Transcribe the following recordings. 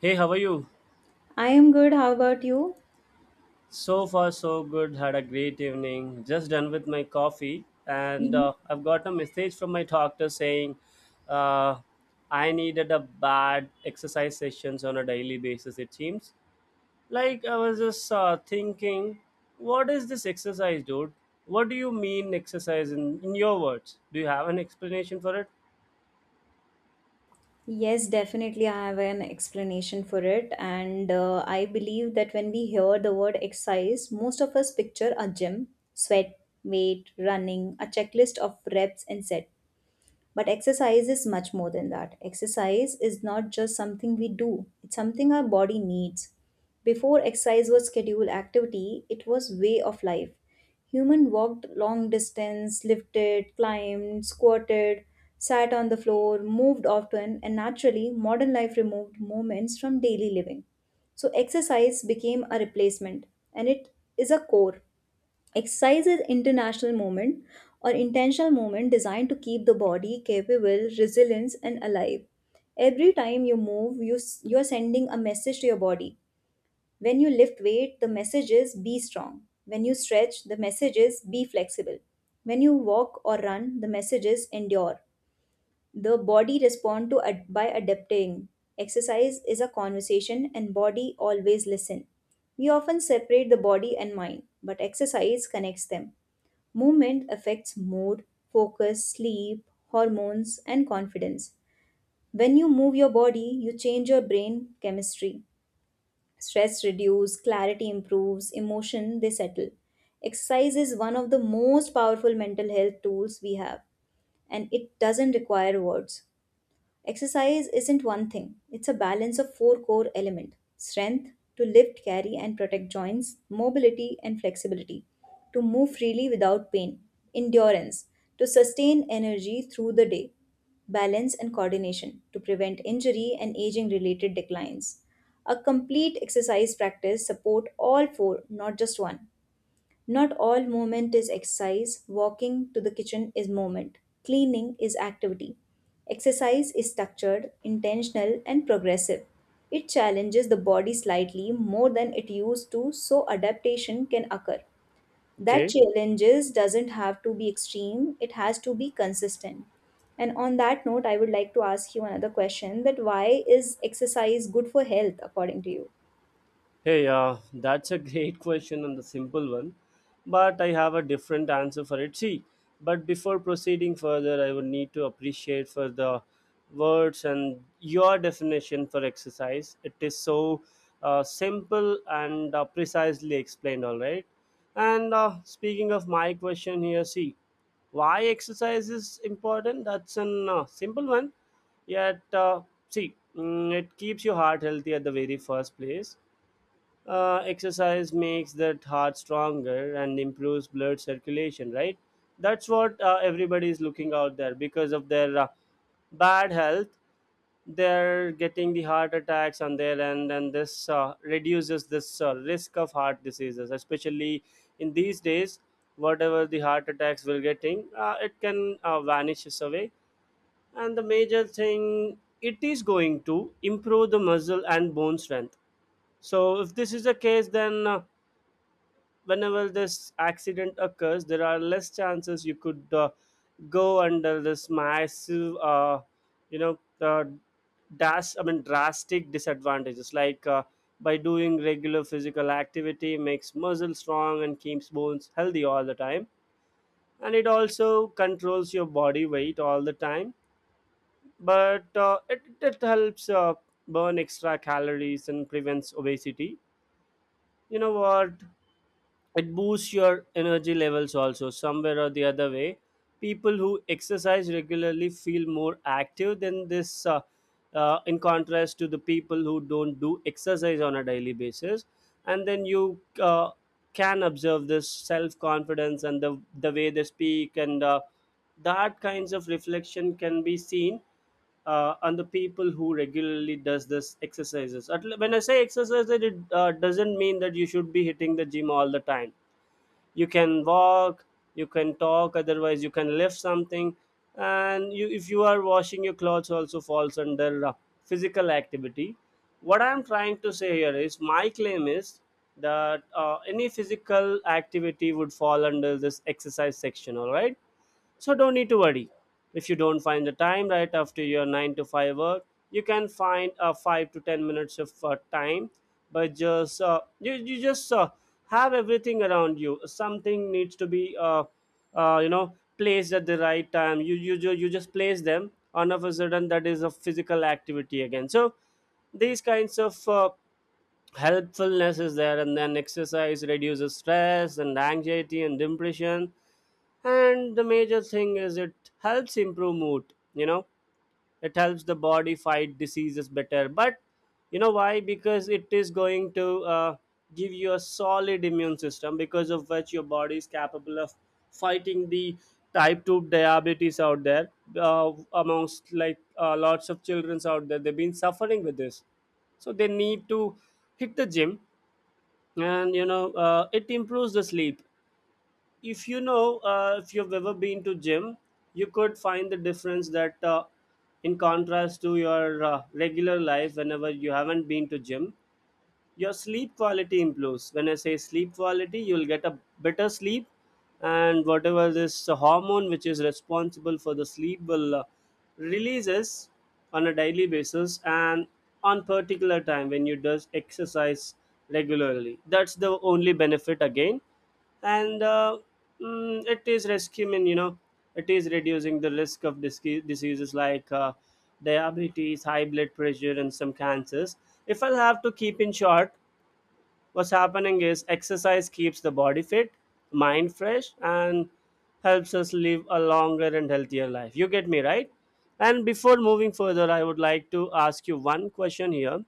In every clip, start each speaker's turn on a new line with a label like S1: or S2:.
S1: Hey, how are you?
S2: I am good. How about you?
S1: So far, so good. Had a great evening. Just done with my coffee, and
S2: Mhm.
S1: I've got a message from my doctor saying uh, I needed a bad exercise sessions on a daily basis. It seems like I was just thinking, what is this exercise, dude? What do you mean exercise in your words? Do you have an explanation for it?
S2: Yes, definitely. I have an explanation for it. And I believe that when we hear the word exercise, most of us picture a gym, sweat, weight, running, a checklist of reps and sets. But exercise is much more than that. Exercise is not just something we do, it's something our body needs. Before exercise was scheduled activity, it was way of life. Human walked long distance, lifted, climbed, squatted, sat on the floor, moved often, and naturally modern life removed moments from daily living. So exercise became a replacement and it is a core. Exercise is international movement or intentional movement designed to keep the body capable, resilient, and alive. Every time you move, you are sending a message to your body. When you lift weight, the message is be strong. When you stretch, the message is be flexible. When you walk or run, the message is endure. The body responds by adapting. Exercise is a conversation, and body always listen. We often separate the body and mind, but exercise connects them. Movement affects mood, focus, sleep, hormones, and confidence. When you move your body, you change your brain chemistry. Stress reduces, clarity improves, emotion they settle. Exercise is one of the most powerful mental health tools we have, and it doesn't require words. Exercise isn't one thing, it's a balance of four core elements strength to lift, carry, and protect joints, mobility and flexibility to move freely without pain, endurance to sustain energy through the day, balance and coordination to prevent injury and aging related declines. A complete exercise practice support all four, not just one. Not all movement is exercise. Walking to the kitchen is movement. Cleaning is activity. Exercise is structured, intentional, and progressive. It challenges the body slightly more than it used to, so adaptation can occur. That
S1: Okay.
S2: challenges doesn't have to be extreme, it has to be consistent. And on that note, I would like to ask you another question that why is exercise good for health according to you?
S1: Hey, that's a great question and the simple one, but I have a different answer for it. See, but before proceeding further, I would need to appreciate for the words and your definition for exercise. It is so simple and precisely explained, all right. And speaking of my question here, see, why exercise is important? That's an simple one yet see, it keeps your heart healthy at the very first place. Exercise makes that heart stronger and improves blood circulation, right? That's what everybody is looking out there because of their bad health. They're getting the heart attacks on their end, and this reduces this risk of heart diseases, especially in these days. Whatever the heart attacks we're getting, it can vanishes away. And the major thing, it is going to improve the muscle and bone strength. So, if this is the case, then whenever this accident occurs, there are less chances you could go under this massive, you know, uh, dash. I mean, drastic disadvantages like by doing regular physical activity makes muscle strong and keeps bones healthy all the time, and it also controls your body weight all the time. But it helps burn extra calories and prevents obesity. You know what? It boosts your energy levels also somewhere or the other way. People who exercise regularly feel more active than this in contrast to the people who don't do exercise on a daily basis. And then you can observe this self confidence and the way they speak, and that kinds of reflection can be seen on the people who regularly does this exercises. When I say exercise, it doesn't mean that you should be hitting the gym all the time. You can walk, you can talk, otherwise you can lift something, and you if you are washing your clothes also falls under physical activity. What I'm trying to say here is my claim is that any physical activity would fall under this exercise section, all right, so don't need to worry. If you don't find the time right after your 9 to 5 work, you can find a 5 to 10 minutes of time. But just you just have everything around you, something needs to be uh, you know placed at the right time. You you just place them on of a sudden, that is a physical activity again. So these kinds of helpfulness is there. And then exercise reduces stress and anxiety and depression, and the major thing is it helps improve mood, you know. It helps the body fight diseases better. But you know why? Because it is going to give you a solid immune system, because of which your body is capable of fighting the type 2 diabetes out there, amongst like lots of children's out there they've been suffering with this. So they need to hit the gym. And you know, it improves the sleep. If you know, if you've ever been to gym, you could find the difference that in contrast to your regular life whenever you haven't been to gym, your sleep quality improves. When I say sleep quality, you'll get a better sleep, and whatever this hormone which is responsible for the sleep will releases on a daily basis and on particular time when you does exercise regularly. That's the only benefit again. And it is rescuing, you know, it is reducing the risk of diseases like diabetes, high blood pressure and some cancers. If I have to keep in short, what's happening is exercise keeps the body fit, mind fresh, and helps us live a longer and healthier life. You get me right? And before moving further, I would like to ask you one question here.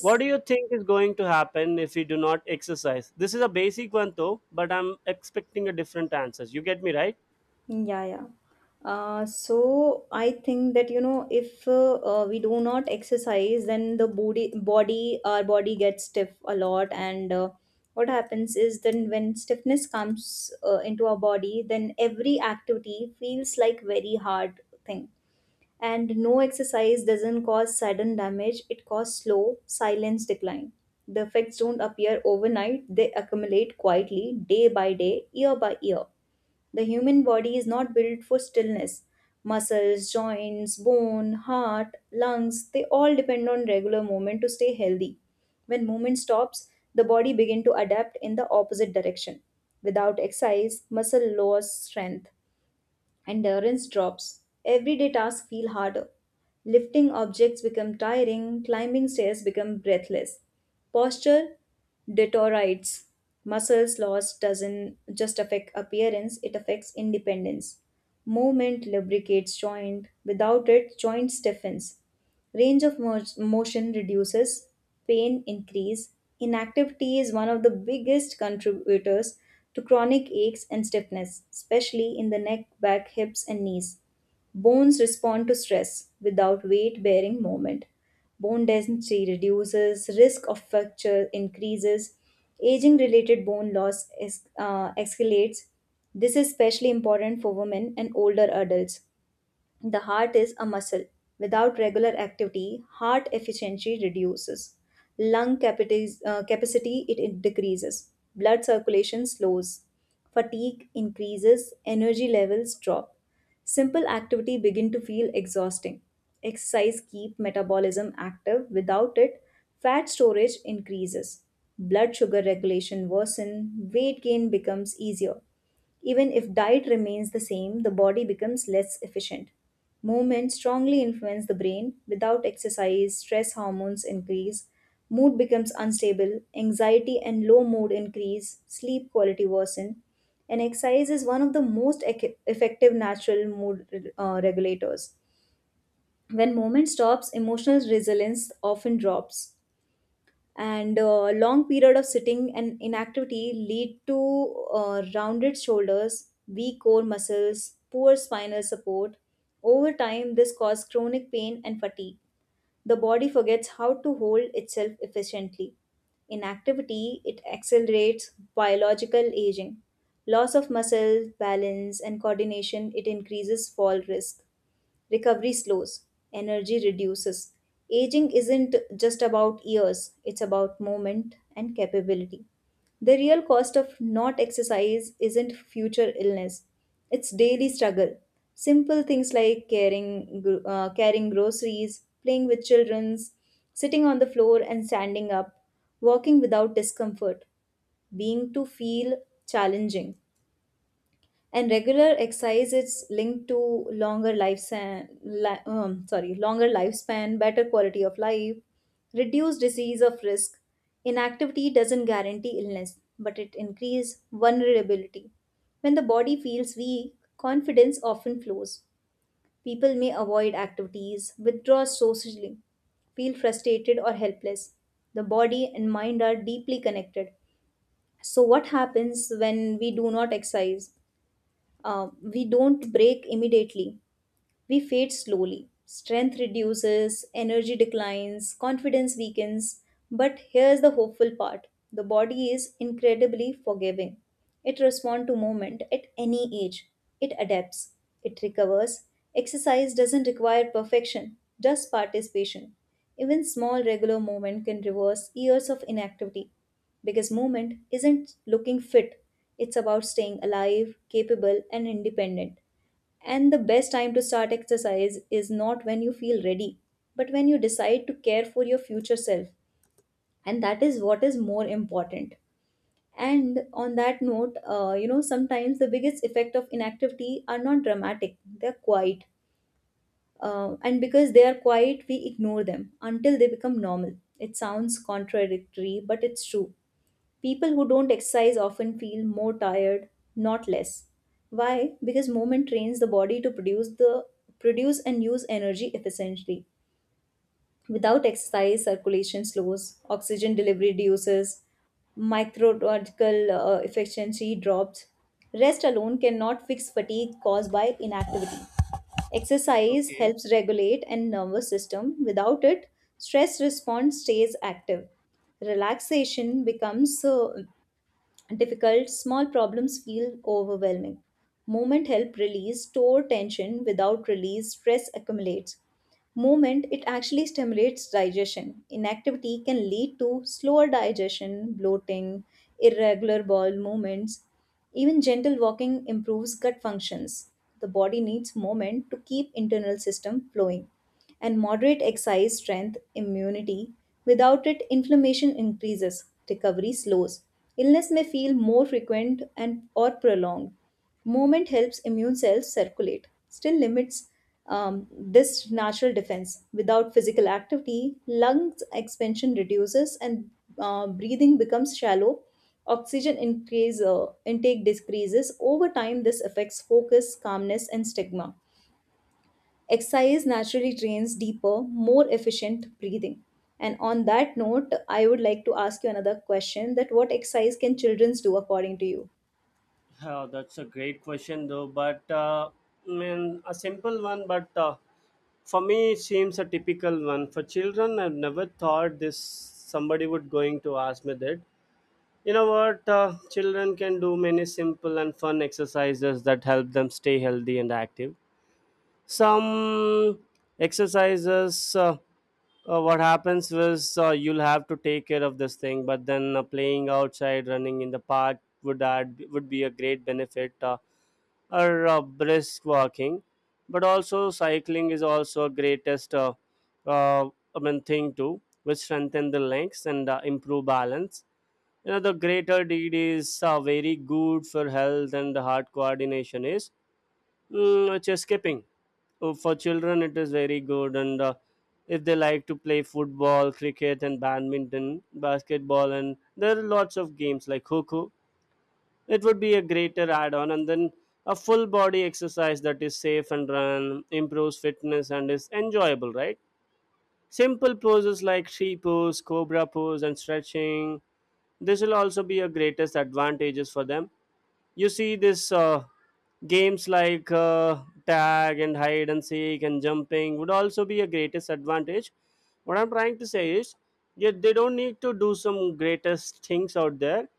S1: What do you think is going to happen if we do not exercise? This is a basic one though, but I'm expecting a different answers. You get me right?
S2: Yeah, yeah. So I think that you know if we do not exercise, then the body our body gets stiff a lot, and what happens is then when stiffness comes into our body, then every activity feels like very hard thing. And no exercise doesn't cause sudden damage; it causes slow, silence decline. The effects don't appear overnight; they accumulate quietly, day by day, year by year the human body is not built for stillness. Muscles, joints, bone, heart, lungs, they all depend on regular movement to stay healthy. When movement stops, the body begins to adapt in the opposite direction. Without exercise, muscle loses strength. Endurance drops. Everyday tasks feel harder. Lifting objects become tiring, climbing stairs become breathless. Posture deteriorates. Muscles loss doesn't just affect appearance, it affects independence. Movement lubricates joint. Without it, joint stiffens. Range of motion reduces, pain increase. Inactivity is one of the biggest contributors to chronic aches and stiffness, especially in the neck, back, hips, and knees. Bones respond to stress without weight-bearing movement. Bone density reduces, risk of fracture increases, aging-related bone escalates. This is especially important for women and older adults the heart is a muscle. Without regular activity, heart efficiency reduces. Capacity it decreases. Blood circulation slows. Fatigue increases, energy levels drop. Simple activity begin to feel exhausting. Exercise keep metabolism active. Without it, fat storage increases. Blood sugar regulation worsen, weight gain becomes easier. Even if diet remains the same, the body becomes less efficient. Movement strongly influences the brain. Without exercise, stress hormones increase, mood becomes unstable, anxiety and low mood increase, sleep quality worsen. And exercise is one of the most effective natural mood regulators. When movement stops, emotional resilience often drops and long period of sitting and inactivity lead to rounded shoulders weak core muscles poor spinal support over time this causes chronic pain and fatigue the body forgets how to hold itself efficiently inactivity it accelerates biological aging loss of muscle balance and coordination it increases fall risk. Recovery slows, energy reduces. Aging isn't just about years, it's about moment and capability. The real cost of not exercise isn't future illness, it's daily struggle. Simple things like carrying groceries, playing with children, sitting on the floor and standing up, walking without discomfort, being to feel challenging and regular exercise is linked to sorry longer lifespan better quality of life reduced disease of risk inactivity doesn't guarantee illness but it increases vulnerability when the body feels weak confidence often flows people may avoid activities withdraw socially feel frustrated or helpless the body and mind are deeply connected so what happens when we do not exercise we don't break immediately we fade slowly. Strength reduces, energy declines, confidence weakens. But here's the hopeful part the body is incredibly forgiving. It responds to movement at any age, it adapts, it recovers. Exercise doesn't require perfection, just participation. Even small regular movement can reverse years of inactivity because movement isn't looking fit, it's about staying alive, capable, and independent. And the best time to start exercise is not when you feel ready, but when you decide to care for your future self. And that is what is more important. And on that note, you know, sometimes the biggest effect of inactivity are not dramatic, they're quiet. And because they are quiet, we ignore them until they become normal. It sounds contradictory, but it's true. People who don't exercise often feel more tired, not less. Why? Because movement trains the body to produce and use energy efficiently. Without exercise, circulation slows, oxygen delivery reduces, microbial efficiency drops. Rest alone cannot fix fatigue caused by inactivity. Exercise
S1: Okay.
S2: helps regulate and nervous system. Without it, stress response stays active relaxation becomes difficult, small problems feel overwhelming. Movement help release store tension without release stress accumulates. Movement it actually stimulates digestion. Inactivity can lead to slower digestion, bloating, irregular bowel movements. Even gentle walking improves gut functions. The body needs movement to keep internal system flowing and moderate exercise strength immunity. Without it, inflammation increases, recovery slows. Illness may feel more frequent and or prolonged. Movement helps immune cells circulate, still limits this natural defense. Without physical activity, lungs expansion reduces and breathing becomes shallow. Intake decreases. Over time, this affects focus, calmness, and stigma. Exercise naturally trains deeper, more efficient breathing. And on that note, I would like to ask you another question that what exercise can children do according to you?
S1: Oh, that's a great question though, but I mean a simple one, but for me it seems a typical one. For children, I've never thought this somebody would going to ask me that. You know what? Children can do many simple and fun exercises that help them stay healthy and active. Some exercises, what happens is you'll have to take care of this thing, but then playing outside, running in the park would add would be a great benefit, or brisk walking. But also cycling is also a greatest, uh, I mean, thing too, which strengthen the legs and improve balance. You know, the greater deed is very good for health, and the heart coordination is, it's escaping. For children, it is very good, and if they like to play football, cricket, and badminton, basketball, and there are lots of games like Coco, it would be a greater add-on. And then a full body exercise that is safe and run, improves fitness, and is enjoyable, right? Simple poses like she pose, cobra pose, and stretching, this will also be a greatest advantages for them. You see this, games like tag and hide and seek and jumping would also be a greatest advantage. What I'm trying to say is, yet they don't need to do some greatest things out there,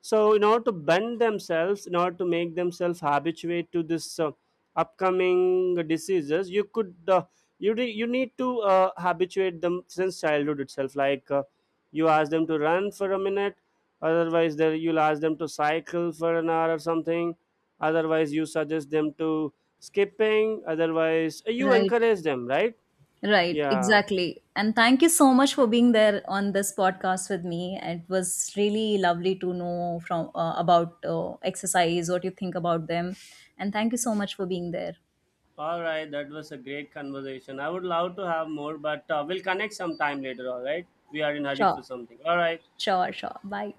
S1: so in order to bend themselves, in order to make themselves habituate to this upcoming diseases, you could you need to habituate them since childhood itself, like you ask them to run for a minute, otherwise there you'll ask them to cycle for an hour or something, otherwise you suggest them to skipping, otherwise you
S2: Right,
S1: encourage them, right?
S2: right,
S1: Yeah.
S2: exactly. And thank you so much for being there on this podcast with me. It was really lovely to know from about exercise, what you think about them, and thank you so much for being there.
S1: All right, that was a great conversation. I would love to have more, but we'll connect sometime later. All right, we are in hurry for
S2: Sure,
S1: something. All right,
S2: sure, sure. Bye.